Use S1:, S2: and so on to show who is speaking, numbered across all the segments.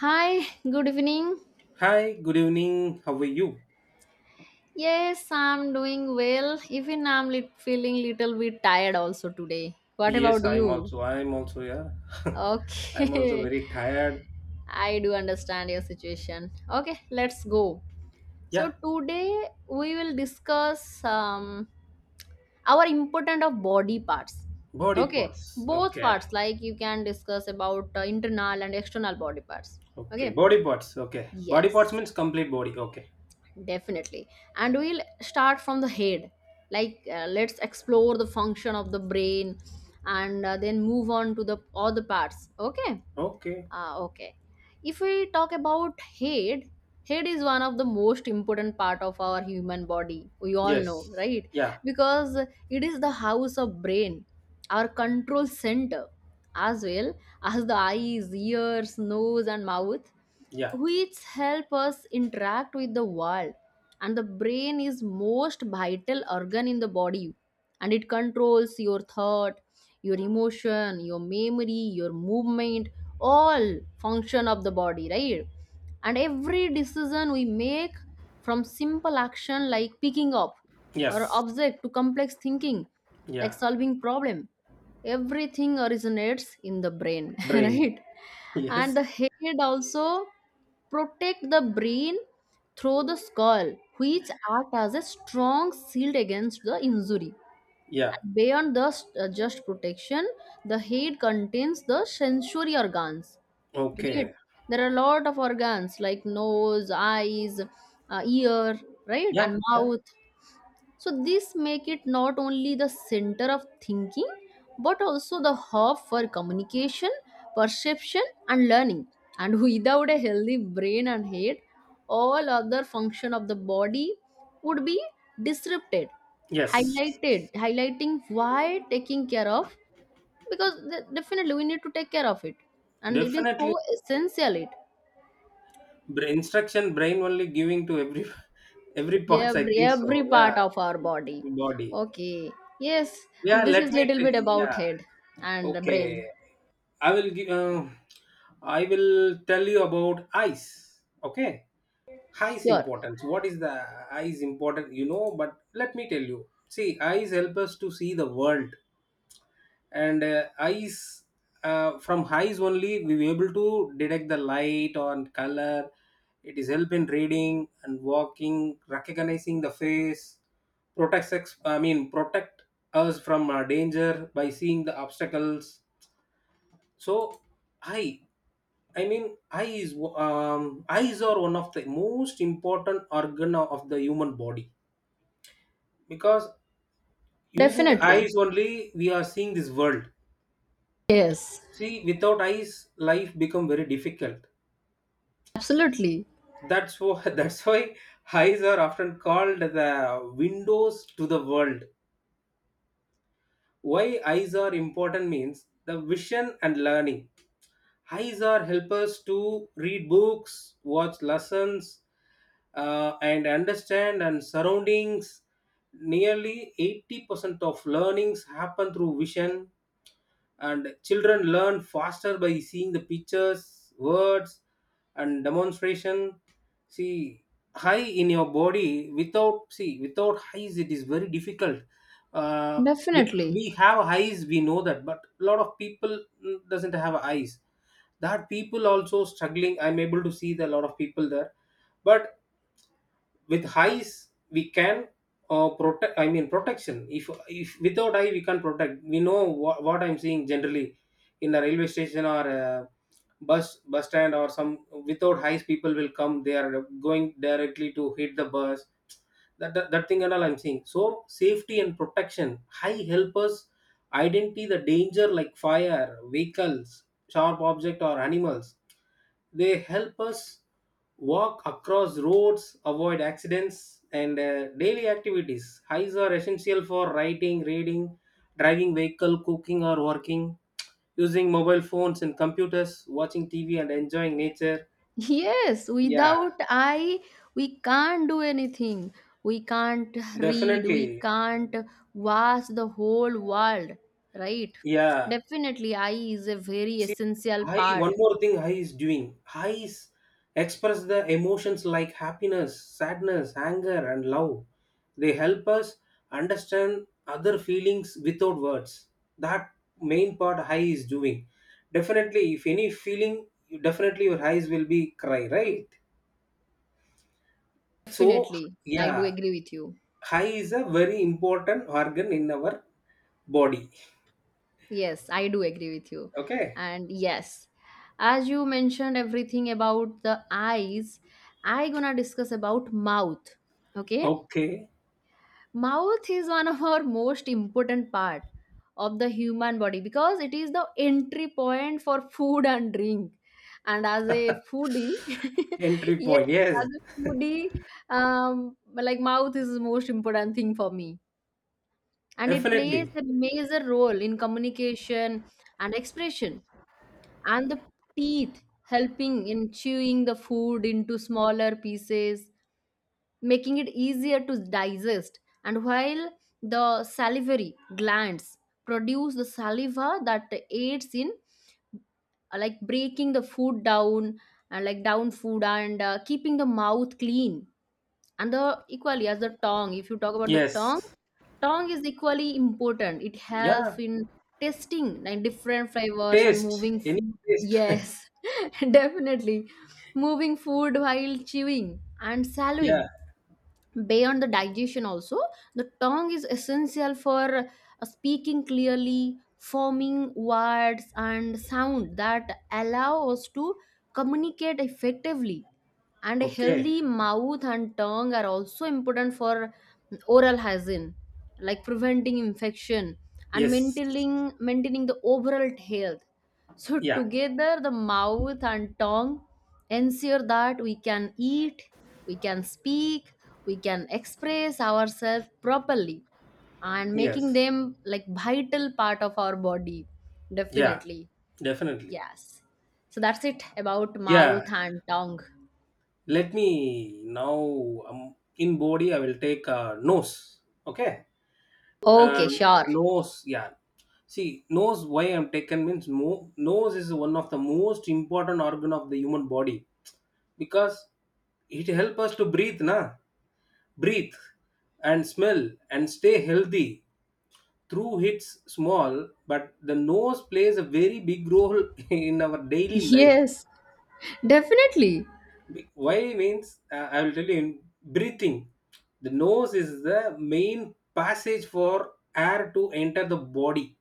S1: Hi, good evening.
S2: Hi, good evening. How are you?
S1: Yes, I'm doing well. Even I'm lit feeling little bit tired also today. What about
S2: Yes, I'm
S1: you?
S2: also. I'm also, yeah. I'm also
S1: Okay.
S2: very tired.
S1: I do understand your situation. Okay, let's go. So
S2: Yeah,
S1: today we will discuss our important of body parts.
S2: body
S1: Okay,
S2: parts.
S1: both
S2: Okay.
S1: parts like you can discuss about internal and external body parts.
S2: Okay.
S1: Okay.
S2: Body parts. Okay. Body parts
S1: Yes.
S2: means complete body. Okay.
S1: Definitely. And we'll start from the head. Like, let's explore the function of the brain and then move on to the other parts. Okay?
S2: Okay.
S1: Okay. If we talk about head, head is one of the most important part of our human body. We all know,
S2: Yes.
S1: right?
S2: Yeah.
S1: Because it is the house of brain, our control center, as well as the eyes, ears, nose, and mouth
S2: Yeah.
S1: which help us interact with the world, and the brain is most vital organ in the body, and it controls your thought, your emotion, your memory, your movement, all function of the body, right? And every decision we make, from simple action like picking up or
S2: Yes.
S1: object to complex thinking like
S2: Yeah.
S1: solving problem, everything originates in the brain,
S2: Brain.
S1: right. And
S2: Yes.
S1: the head also protect the brain through the skull, which act as a strong shield against the injury.
S2: Yeah.
S1: And beyond the just protection, the head contains the sensory organs, right?
S2: Okay.
S1: There are a lot of organs like nose, eyes, ear, right,
S2: Yeah.
S1: and
S2: Yeah.
S1: mouth. So this make it not only the center of thinking but also the hub for communication, perception, and learning. And without a healthy brain and head, all other function of the body would be disrupted,
S2: Yes.
S1: highlighted highlighting why taking care of, because definitely we need to take care of it, and it is so
S2: Definitely.
S1: essential it,
S2: Instruction brain only giving to every every parts. I
S1: every
S2: think
S1: every
S2: so. Yeah.
S1: part of our body.
S2: Body.
S1: Okay, yes,
S2: Yeah,
S1: this
S2: let
S1: is
S2: me.
S1: little
S2: Tell
S1: bit
S2: you.
S1: about head
S2: Yeah,
S1: and brain.
S2: okay. I will give. I will tell you about ice. Okay, ice
S1: Sure.
S2: importance. What is the ice important? You know, but let me tell you. See, ice help us to see the world, and eyes, from eyes only we were able to detect the light or color. It is help in reading and walking, recognizing the face, protects protect us from danger by seeing the obstacles. So eye eyes are one of the most important organ of the human body, because using the
S1: Definitely.
S2: eyes only we are seeing this world.
S1: Yes.
S2: See, without eyes, life become very difficult.
S1: Absolutely.
S2: That's why that's why eyes are often called the windows to the world. Why eyes are important means the vision and learning. Eyes are helpers to read books, watch lessons, and understand and surroundings. Nearly 80% of learnings happen through vision, and children learn faster by seeing the pictures, words, and demonstration. See, high in your body, without eyes, it is very difficult. uh, we,
S1: Definitely.
S2: we have eyes, we know that, but a lot of people doesn't have eyes. That people also struggling, I'm able to see the lot of people there, but with highs we can protection. If without high we can protect, we know what I'm seeing generally in a railway station or a bus stand or some. Without highs people will come, they are going directly to hit the bus. That thing and all I'm seeing. So safety and protection, high help us identify the danger like fire, vehicles, sharp object or animals. They help us walk across roads, avoid accidents, and daily activities. Eyes are essential for writing, reading, driving vehicle, cooking or working, using mobile phones and computers, watching TV, and enjoying nature.
S1: Yes,
S2: Yeah,
S1: without eye we can't do anything, we can't read, we
S2: definitely.
S1: can't watch the whole world, right?
S2: Yeah,
S1: Definitely eye is a very
S2: see,
S1: essential
S2: I
S1: part.
S2: one more thing I is doing. I is express the emotions like happiness, sadness, anger, and love. They help us understand other feelings without words. That main part I is doing. Definitely, if any feeling, definitely your eyes will be cry, right? So
S1: Definitely, I do
S2: yeah,
S1: agree with you.
S2: high is a very important organ in our body.
S1: Yes, I do agree with you.
S2: Okay.
S1: And yes, as you mentioned everything about the eyes, I gonna discuss about mouth. Okay?
S2: Okay.
S1: Mouth is one of our most important part of the human body because it is the entry point for food and drink. And as a foodie,
S2: Entry
S1: yes,
S2: point.
S1: as
S2: Yes.
S1: a foodie, like mouth is the most important thing for me. And it plays
S2: Definitely.
S1: a major role in communication and expression, and the teeth helping in chewing the food into smaller pieces, making it easier to digest. And while the salivary glands produce the saliva that aids in, like, breaking the food down and like down food, and keeping the mouth clean, and the equally as the tongue, if you talk about the
S2: Yes.
S1: tongue, tongue is equally important, it
S2: Yeah.
S1: helps in tasting like different flavors and
S2: Taste,
S1: moving
S2: any
S1: food.
S2: taste.
S1: Yes. Definitely, moving food while chewing and
S2: yeah.
S1: swallowing. Beyond the digestion also, the tongue is essential for speaking clearly, forming words and sound that allow us to communicate effectively. And a
S2: Okay.
S1: healthy mouth and tongue are also important for oral hygiene, like preventing infection and
S2: Yes.
S1: maintaining the overall health. So,
S2: Yeah.
S1: together, the mouth and tongue ensure that we can eat, we can speak, we can express ourselves properly, and making
S2: Yes.
S1: them like vital part of our body.
S2: Yeah.
S1: Definitely.
S2: Definitely.
S1: Yes. So, that's it about
S2: Yeah.
S1: mouth and tongue.
S2: Let me now. In body, I will take nose. Okay.
S1: Okay,
S2: Um,
S1: sure.
S2: nose. Yeah. See, nose. Why I'm taken means nose is one of the most important organ of the human body, because it helps us to breathe and smell and stay healthy. Through hits small, but the nose plays a very big role in our daily life.
S1: Yes, definitely.
S2: Why means I will tell you, in breathing, the nose is the main passage for air to enter the body,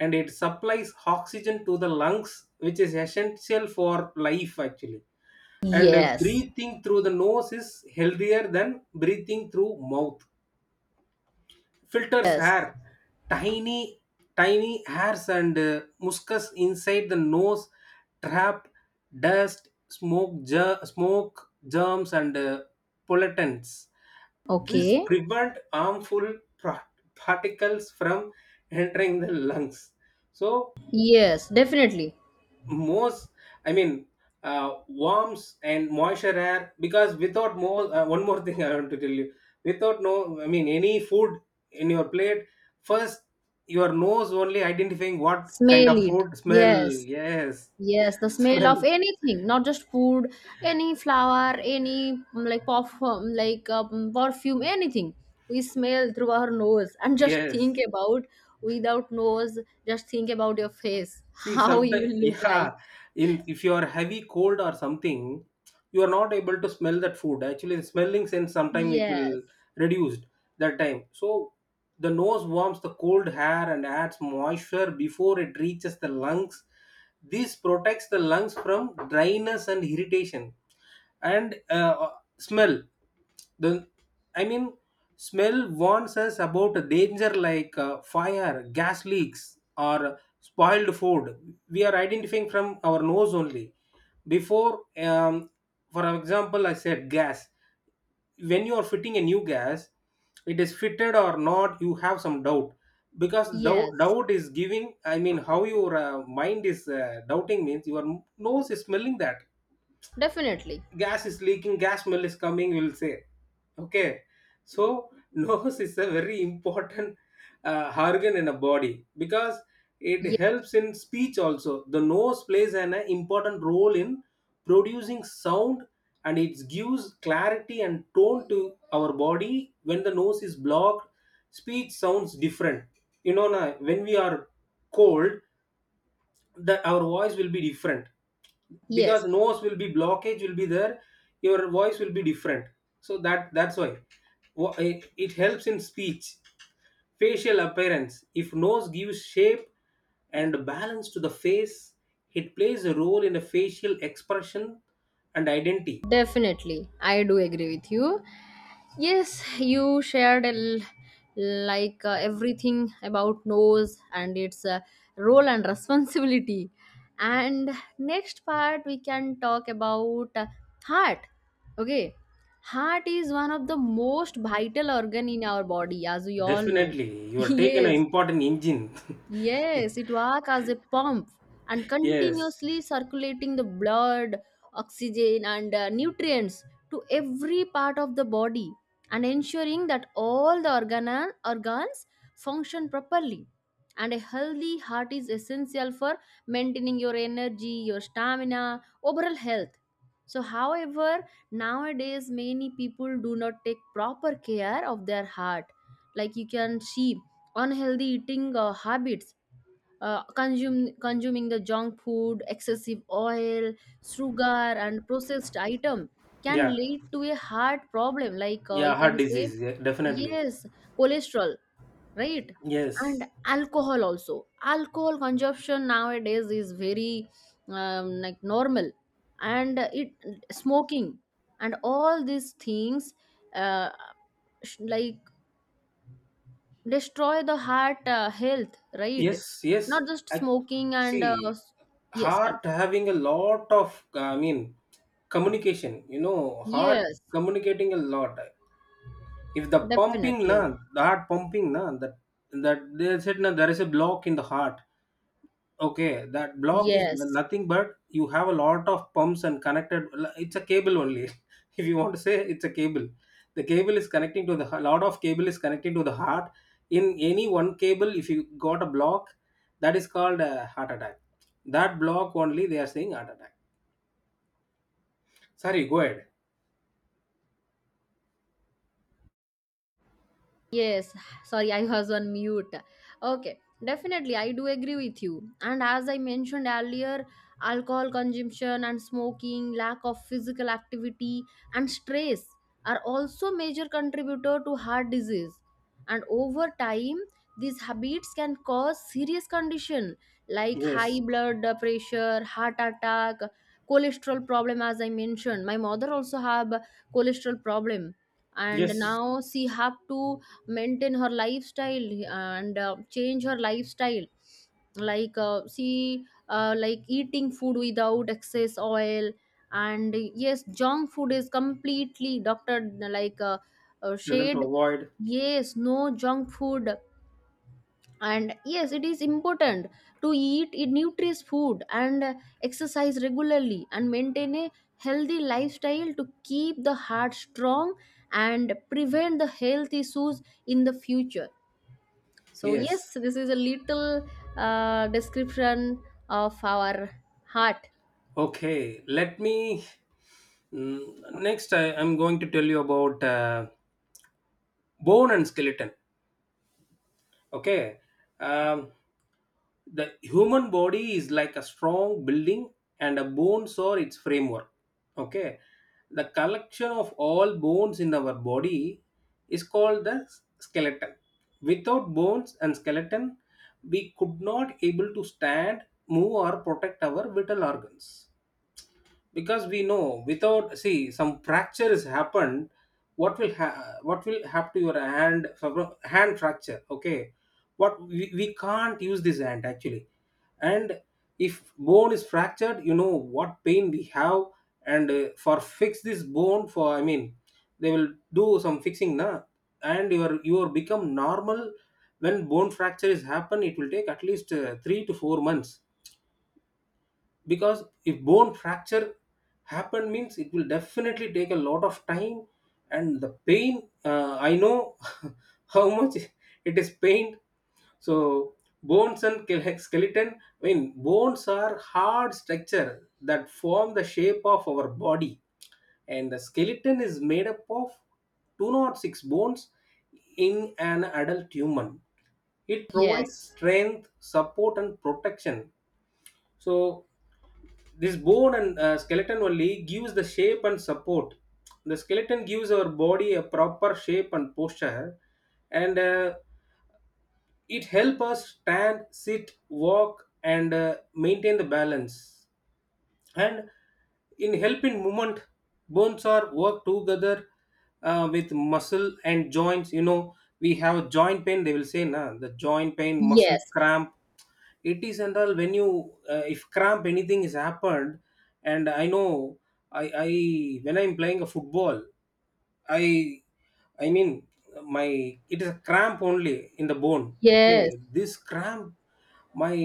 S2: and it supplies oxygen to the lungs, which is essential for life actually. And
S1: Yes.
S2: breathing through the nose is healthier than breathing through mouth. Filters
S1: Yes.
S2: hair, tiny tiny hairs and muscus inside the nose trap dust, smoke, germs and pollutants. This
S1: Okay.
S2: prevent harmful pra- particles from entering the lungs. So
S1: Yes, definitely.
S2: most I mean warmth and moisture air, because without more one more thing I want to tell you. Without no I mean any food in your plate, first your nose only identifying what
S1: Smell
S2: kind of
S1: it.
S2: food smell.
S1: Yes.
S2: Yes,
S1: Yes, the smell
S2: smell.
S1: of anything, not just food, any flower, any like perfume, anything. We smell through our nose, and just
S2: Yes.
S1: think about without nose, just think about your face,
S2: See,
S1: how you
S2: sometimes,
S1: will look
S2: yeah,
S1: like.
S2: in if you are heavy cold or something, you are not able to smell that food. Actually, the smelling sense sometimes it will
S1: Yes,
S2: reduced that time. So the nose warms the cold air and adds moisture before it reaches the lungs. This protects the lungs from dryness and irritation, and smell the I mean smell warns us about danger like fire, gas leaks, or spoiled food. We are identifying from our nose only before. um, for example, I said gas. When you are fitting a new gas, it is fitted or not, you have some doubt. Because doubt,
S1: yes,
S2: doubt is giving, I mean how your mind is doubting means your nose is smelling that
S1: definitely.
S2: gas is leaking, gas smell is coming, we'll say okay. So nose is a very important organ in a body, because it
S1: Yes,
S2: helps in speech also. The nose plays an important role in producing sound, and it gives clarity and tone to our body. When the nose is blocked, speech sounds different, you know na, when we are cold, that our voice will be different,
S1: yes.
S2: because nose will be blockage will be there, your voice will be different. So that's why it helps in speech. Facial appearance, if nose gives shape and balance to the face, it plays a role in a facial expression and identity.
S1: Definitely, I do agree with you. Yes, you shared like everything about nose and its role and responsibility. And next part we can talk about heart. Okay, heart is one of the most vital organ in our body, as we all know.
S2: Definitely, you are taking an
S1: Yes,
S2: important engine.
S1: yes, it works as a pump and
S2: Yes.
S1: continuously circulating the blood, oxygen, and nutrients to every part of the body and ensuring that all the organs function properly. And a healthy heart is essential for maintaining your energy, your stamina, overall health. So, however, nowadays many people do not take proper care of their heart. Like you can see, unhealthy eating habits, consuming the junk food, excessive oil, sugar, and processed item, can
S2: Yeah,
S1: lead to a heart problem, like you
S2: yeah, heart
S1: can say,
S2: disease, yeah, definitely.
S1: yes, cholesterol, right? And
S2: Yes.
S1: alcohol also, alcohol consumption nowadays is very like normal, and it smoking and all these things, uh, like destroy the heart health, right?
S2: Yes, yes.
S1: Not just
S2: I,
S1: smoking and
S2: See,
S1: yes,
S2: heart having a lot of, communication. You know, heart
S1: yes,
S2: communicating a lot. If the pumping,
S1: definitely,
S2: na, the heart pumping, na, that they said there is a block in the heart. Okay, that block is
S1: yes.
S2: nothing but you have a lot of pumps and connected. It's a cable only. If you want to say it's a cable, the cable is connecting to the a lot of cable is connecting to the heart. In any one cable, if you got a block, that is called a heart attack. That block only they are saying heart attack. Sorry, go ahead.
S1: Yes, sorry, I was on mute. Okay, definitely, I do agree with you. And as I mentioned earlier, alcohol consumption and smoking, lack of physical activity, and stress are also major contributor to heart disease. And over time, these habits can cause serious condition like high
S2: Yes,
S1: blood pressure, heart attack, cholesterol problem. As I mentioned, my mother also have cholesterol problem, and
S2: yes.
S1: now she have to maintain her lifestyle and change her lifestyle, like see like eating food without excess oil, and yes, junk food is completely doctor like
S2: Tell them to
S1: shade.
S2: avoid.
S1: Yes, no junk food, and yes, it is important to eat a nutritious food and exercise regularly and maintain a healthy lifestyle to keep the heart strong and prevent the health issues in the future. So, yes,
S2: Yes.
S1: this is a little description of our heart.
S2: Okay. Let me. Next, I'm going to tell you about bone and skeleton. Okay. um, the human body is like a strong building, and a bones are its framework. Okay, the collection of all bones in our body is called the skeleton. Without bones and skeleton, we could not able to stand, move or protect our vital organs, because we know, without see, some fracture has happened, what will happen to your hand? Hand fracture, okay, what we can't use this hand actually. And if bone is fractured, you know what pain we have. And for fix this bone, for I mean they will do some fixing na, and your become normal. When bone fracture is happen, it will take at least 3 to 4 months, because if bone fracture happen means it will definitely take a lot of time. And the pain, I know how much it is pain. So bones and skeleton, I mean bones are hard structure that form the shape of our body. And the skeleton is made up of two or six bones in an adult human. It provides
S1: Yes,
S2: strength, support and protection. So this bone and skeleton only gives the shape and support. The skeleton gives our body a proper shape and posture, and it helps us stand, sit, walk and maintain the balance. And in helping movement, bones are work together with muscle and joints. You know we have joint pain, they will say nah, the joint pain, muscle
S1: yes,
S2: cramp it is and all. When you if cramp anything is happened, and I know, I when I'm playing a football, I I mean my it is a cramp only in the bone. Okay,
S1: yes,
S2: this cramp, my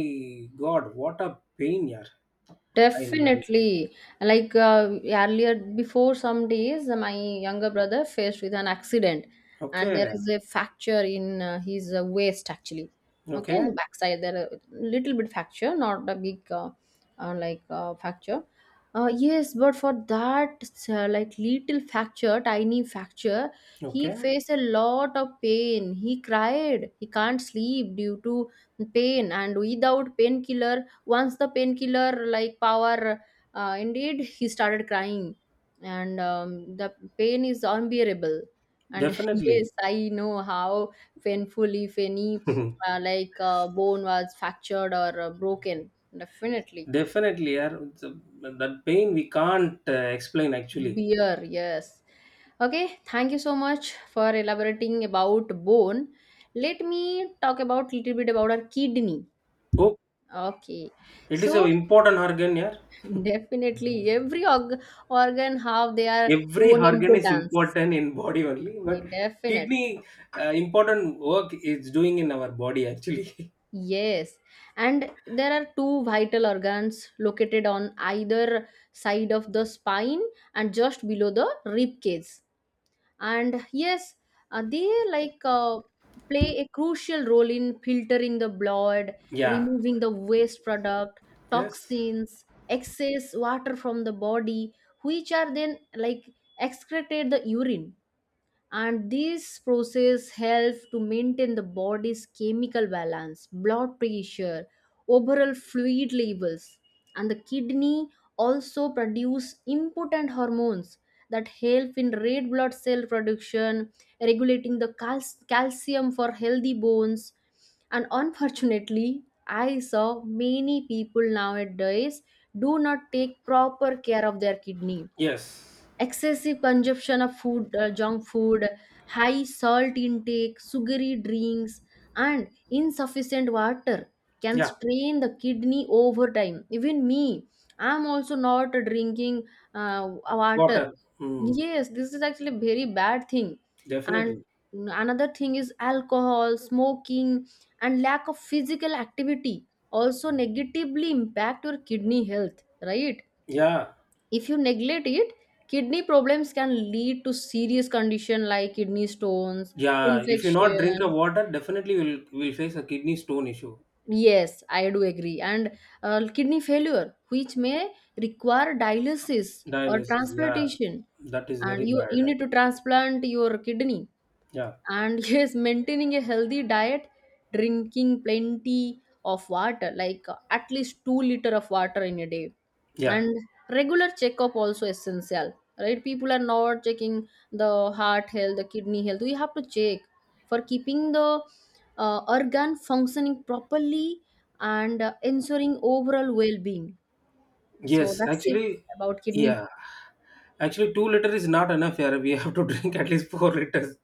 S2: god, what a pain. Yeah, I mean,
S1: definitely. Like earlier, before some days, my younger brother faced with an accident, and there
S2: okay.
S1: is a fracture in his waist actually. Okay, in the
S2: Okay,
S1: backside, there a little bit fracture, not a big like fracture. Yes, but for that like little fracture, tiny fracture, he
S2: okay,
S1: faced a lot of pain. He cried. He can't sleep due to pain, and without painkiller, once the painkiller like power, indeed, he started crying, and the pain is unbearable. And yes,
S2: definitely,
S1: I know how painful if any like bone was fractured or broken. Definitely,
S2: definitely. Yeah. So, that pain we can't explain actually.
S1: beer. Yes. Okay, thank you so much for elaborating about bone. Let me talk about little bit about our kidney.
S2: Oh,
S1: Okay.
S2: it is an
S1: So
S2: important organ. Yeah,
S1: definitely, every organ have their
S2: every
S1: own
S2: organ is
S1: importance.
S2: important in body only,
S1: Yeah,
S2: but
S1: definitely,
S2: kidney important work is doing in our body actually.
S1: yes. And there are two vital organs located on either side of the spine and just below the rib cage. And yes, they like play a crucial role in filtering the blood,
S2: Yeah.
S1: removing the waste product,
S2: Yes.
S1: toxins, excess water from the body, which are then like excreted the urine, and this process helps to maintain the body's chemical balance, blood pressure, overall fluid levels. And the kidney also produce important hormones that help in red blood cell production, regulating the calcium for healthy bones. And unfortunately, I saw many people nowadays do not take proper care of their kidney.
S2: Yes.
S1: Excessive consumption of food, junk food, high salt intake, sugary drinks, and insufficient water can
S2: Yeah.
S1: strain the kidney over time. Even me, I'm also not drinking water.
S2: Water. Mm,
S1: Yes, this is actually a very bad thing. And
S2: definitely.
S1: another thing is alcohol, smoking, and lack of physical activity also negatively impact your kidney health, right?
S2: Yeah.
S1: If you neglect it, kidney problems can lead to serious condition like kidney stones,
S2: Yeah. If you not drink a
S1: infection.
S2: water, definitely will face a kidney stone issue.
S1: Yes, I do agree. And kidney failure, which may require dialysis or
S2: Dialysis, yeah,
S1: transplantation,
S2: that is very
S1: and you
S2: bad
S1: need to
S2: actually.
S1: transplant your kidney.
S2: Yeah,
S1: And yes, maintaining a healthy diet, drinking plenty of water, like at least 2 liter of water in a day,
S2: yeah,
S1: and regular checkup also essential, right? People are not checking the heart health, the kidney health. We have to check for keeping the organ functioning properly and ensuring overall well-being. So
S2: yes,
S1: that's it
S2: actually,
S1: about kidney.
S2: yeah, actually, 2 liter is not enough here. We have to drink at least 4 liters.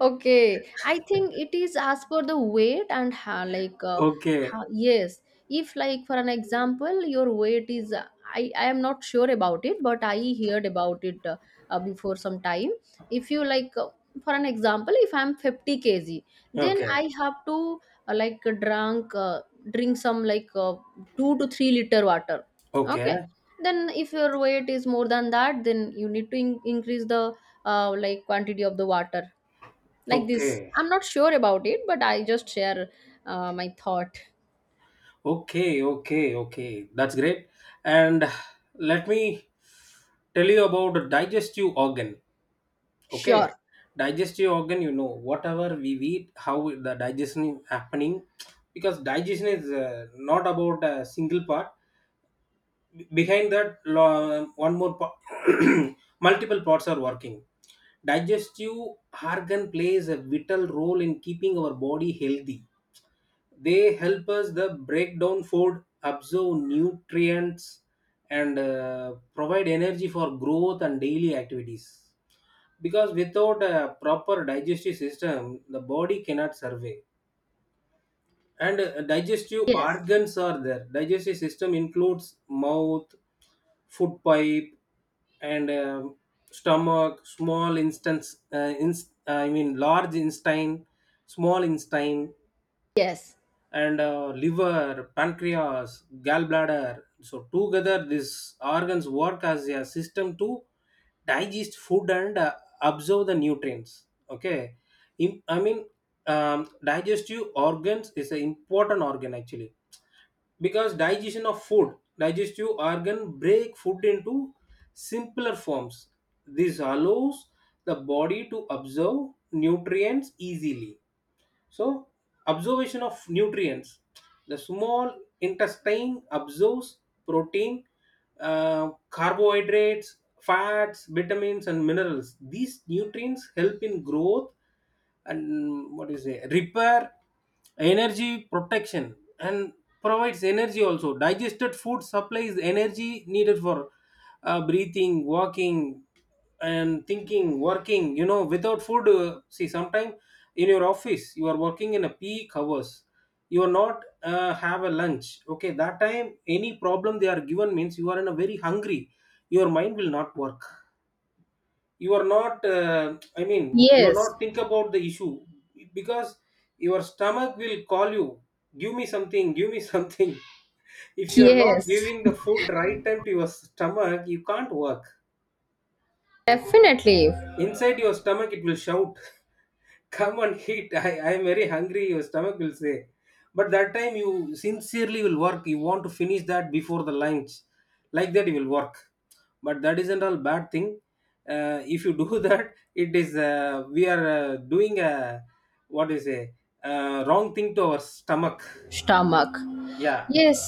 S1: Okay, I think it is as per the weight and how, like,
S2: Okay,
S1: how, yes. If, like, for an example, your weight is, I am not sure about it, but I heard about it before some time. If you, like, for an example, if I'm 50 kg, then
S2: okay,
S1: I have to, like, drink some, like, 2 to 3 liter water. Okay.
S2: okay,
S1: Then, if your weight is more than that, then you need to increase the, like, quantity of the water like this.
S2: okay,
S1: I'm not sure about it, but I just share my thought.
S2: okay, okay, okay. That's great. And let me tell you about the digestive organ. Okay,
S1: Sure.
S2: digestive organ. You know, whatever we eat, how the digestion is happening, because digestion is not about a single part. Behind that lo- one more po- Multiple parts are working. Digestive organ plays a vital role in keeping our body healthy. They help us the break down food, absorb nutrients, and provide energy for growth and daily activities, because without a proper digestive system the body cannot survive. And digestive
S1: Yes.
S2: organs are there. Digestive system includes mouth, food pipe, and stomach, I mean large intestine, small intestine,
S1: Yes.
S2: and liver, pancreas, gallbladder. So together, these organs work as a system to digest food and absorb the nutrients. Okay. I mean, digestive organs is an important organ actually, because digestion of food, digestive organ break food into simpler forms. This allows the body to absorb nutrients easily. So, observation of nutrients. The small intestine observes protein, carbohydrates, fats, vitamins, and minerals. These nutrients help in growth and what is it, repair, energy, protection, and provides energy. Also digested food supplies energy needed for breathing, walking, and thinking, working. You know, without food, see, sometime in your office you are working in a peak hours, you are not have a lunch. Okay, that time any problem they are given means you are in a very hungry, your mind will not work. You are not, I mean, you are
S1: Yes.
S2: not think about the issue, because your stomach will call you, give me something, give me something. If you are not
S1: Yes,
S2: giving the food right time to your stomach, you can't work.
S1: definitely.
S2: Inside your stomach it will shout. Come and eat. I am very hungry, your stomach will say. But that time you sincerely will work, you want to finish that before the lunch. Like that you will work. But that isn't all bad thing. If you do that, it is we are doing a, what do you say, wrong thing to our stomach.
S1: Stomach.
S2: Yeah.
S1: Yes,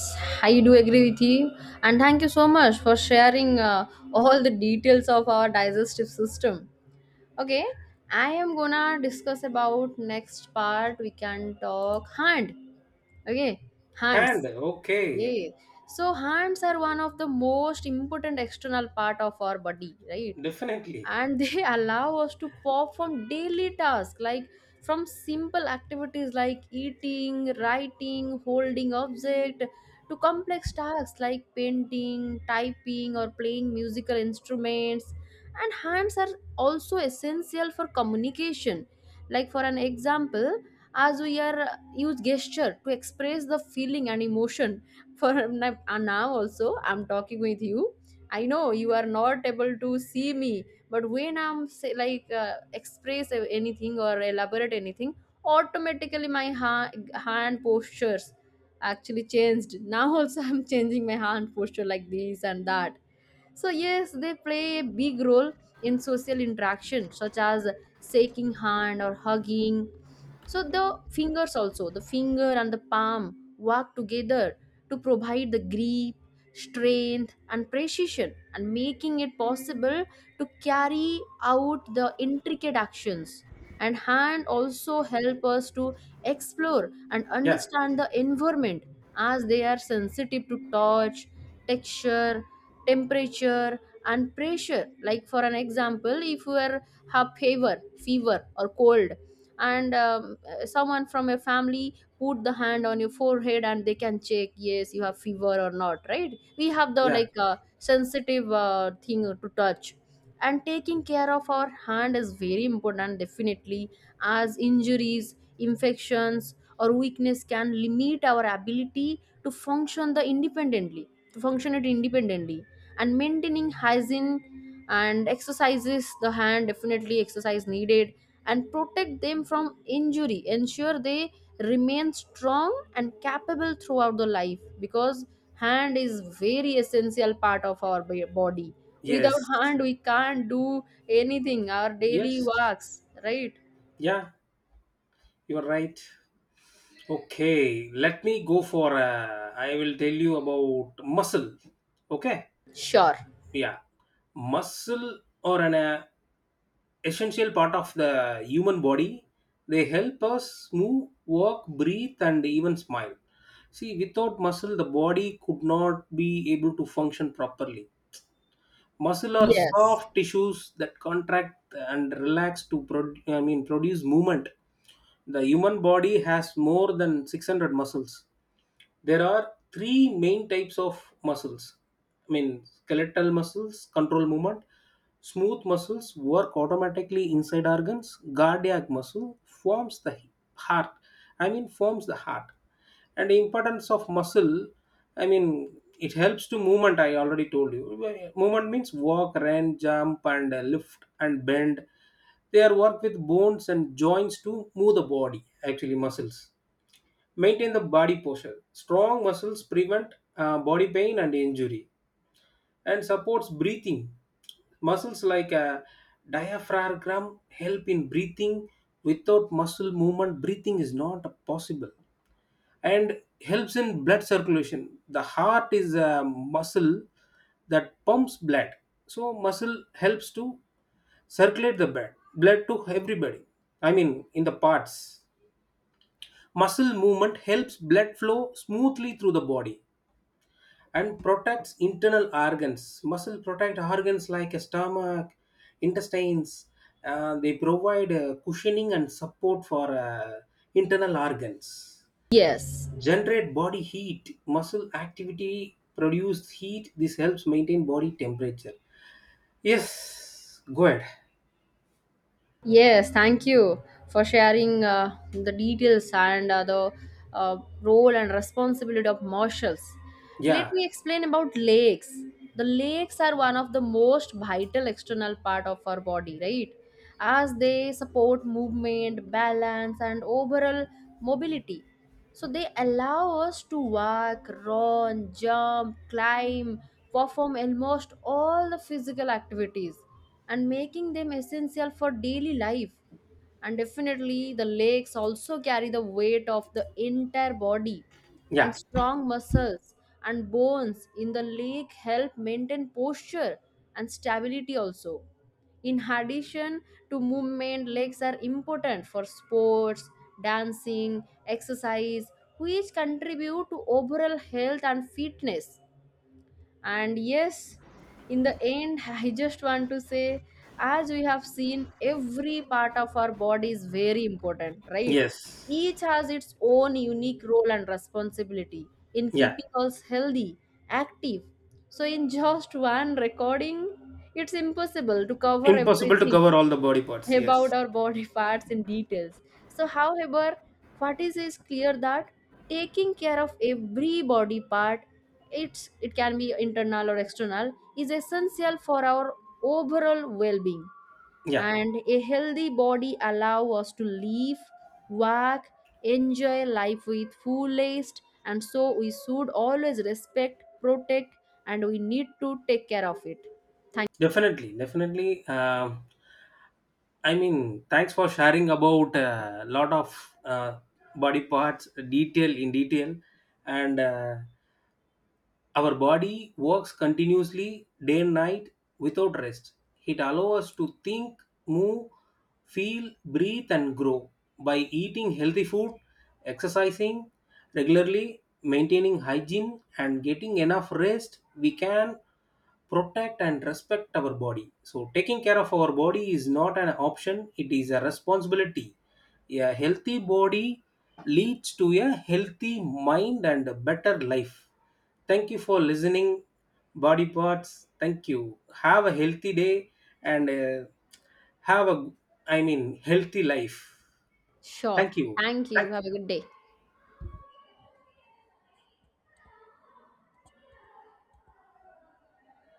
S1: I do agree with you. And thank you so much for sharing all the details of our digestive system. Okay, I am gonna discuss about next part. We can talk hand. Okay,
S2: Hand,
S1: hands.
S2: okay.
S1: Yes. So hands are one of the most important external part of our body, right?
S2: Definitely.
S1: And they allow us to perform daily tasks, like from simple activities like eating, writing, holding object, to complex tasks like painting, typing, or playing musical instruments. And hands are also essential for communication, like for an example, as we are use gesture to express the feeling and emotion. For now also I'm talking with you. I know you are not able to see me, but when I'm say, like express anything or elaborate anything, automatically my hand postures actually changed. Now also I'm changing my hand posture like this and that. So, yes, they play a big role in social interaction, such as shaking hand or hugging. So, the fingers also, the finger and the palm work together to provide the grip, strength, and precision, and making it possible to carry out the intricate actions. And hand also help us to explore and
S2: Yeah.
S1: understand the environment, as they are sensitive to touch, texture, temperature and pressure. Like for an example, if you are have fever or cold, and someone from your family put the hand on your forehead, and they can check, yes, you have fever or not, right? We have the,
S2: Yeah.
S1: like, sensitive thing to touch. And taking care of our hand is very important, definitely, as injuries, infections, or weakness can limit our ability to function the independently to function it independently. And maintaining hygiene and exercises the hand, definitely exercise needed, and protect them from injury ensure they remain strong and capable throughout the life, because hand is very essential part of our body. Without
S2: Yes.
S1: hand we can't do anything our daily
S2: Yes.
S1: works, right?
S2: Yeah, you're right. Okay, let me go for. I will tell you about muscle. Okay,
S1: Sure.
S2: yeah, muscle or an essential part of the human body. They help us move, walk, breathe, and even smile. See, without muscle, the body could not be able to function properly. Muscle are
S1: Yes,
S2: soft tissues that contract and relax to produce movement. The human body has more than 600 muscles. There are three main types of muscles, I mean, skeletal muscles control movement, smooth muscles work automatically inside organs, cardiac muscle forms the heart, I mean, forms the heart. And the importance of muscle, I mean, it helps to movement, I already told you. Movement means walk, run, jump, and lift and bend. They are work with bones and joints to move the body. Actually muscles maintain the body posture. Strong muscles prevent body pain and injury, and supports breathing. Muscles like diaphragm help in breathing. Without muscle movement, breathing is not possible. And helps in blood circulation. The heart is a muscle that pumps blood, so muscle helps to circulate the blood, blood to everybody, I mean, in the parts. Muscle movement helps blood flow smoothly through the body, and protects internal organs. Muscle protect organs like a stomach, intestines. They provide cushioning and support for internal organs.
S1: yes.
S2: Generate body heat. Muscle activity produces heat. This helps maintain body temperature. Yes, go ahead.
S1: Yes, thank you for sharing the details and the role and responsibility of marshals. Let
S2: Yeah,
S1: me explain about lakes. The lakes are one of the most vital external part of our body, right? As they support movement, balance, and overall mobility. So they allow us to walk, run, jump, climb, perform almost all the physical activities, and making them essential for daily life. And definitely the legs also carry the weight of the entire body, and
S2: yeah,
S1: strong muscles and bones in the leg help maintain posture and stability also. In addition to movement, legs are important for sports, dancing, exercise, which contribute to overall health and fitness. And yes, in the end, I just want to say, as we have seen, every part of our body is very important, right?
S2: yes,
S1: Each has its own unique role and responsibility in
S2: yeah.
S1: keeping us healthy, active. So in just one recording, it's impossible to cover
S2: Impossible to
S1: everything
S2: cover all the body parts. Yes,
S1: about our body parts in details. So, however, what is clear that taking care of every body part, it can be internal or external, is essential for our overall well-being.
S2: yeah.
S1: And a healthy body allow us to live, work, enjoy life with fullest. And so we should always respect, protect, and we need to take care of it.
S2: Definitely, definitely. I mean, thanks for sharing about a lot of body parts, detail in detail, and our body works continuously day and night without rest. It allows us to think, move, feel, breathe, and grow. By eating healthy food, exercising regularly, maintaining hygiene, and getting enough rest, we can protect and respect our body. So, taking care of our body is not an option, it is a responsibility. A healthy body leads to a healthy mind and a better life. Thank you for listening, body parts. Thank you. Have a healthy day and have a, I mean, healthy life.
S1: Sure.
S2: Thank you.
S1: Thank
S2: Thank
S1: you. Have a good day.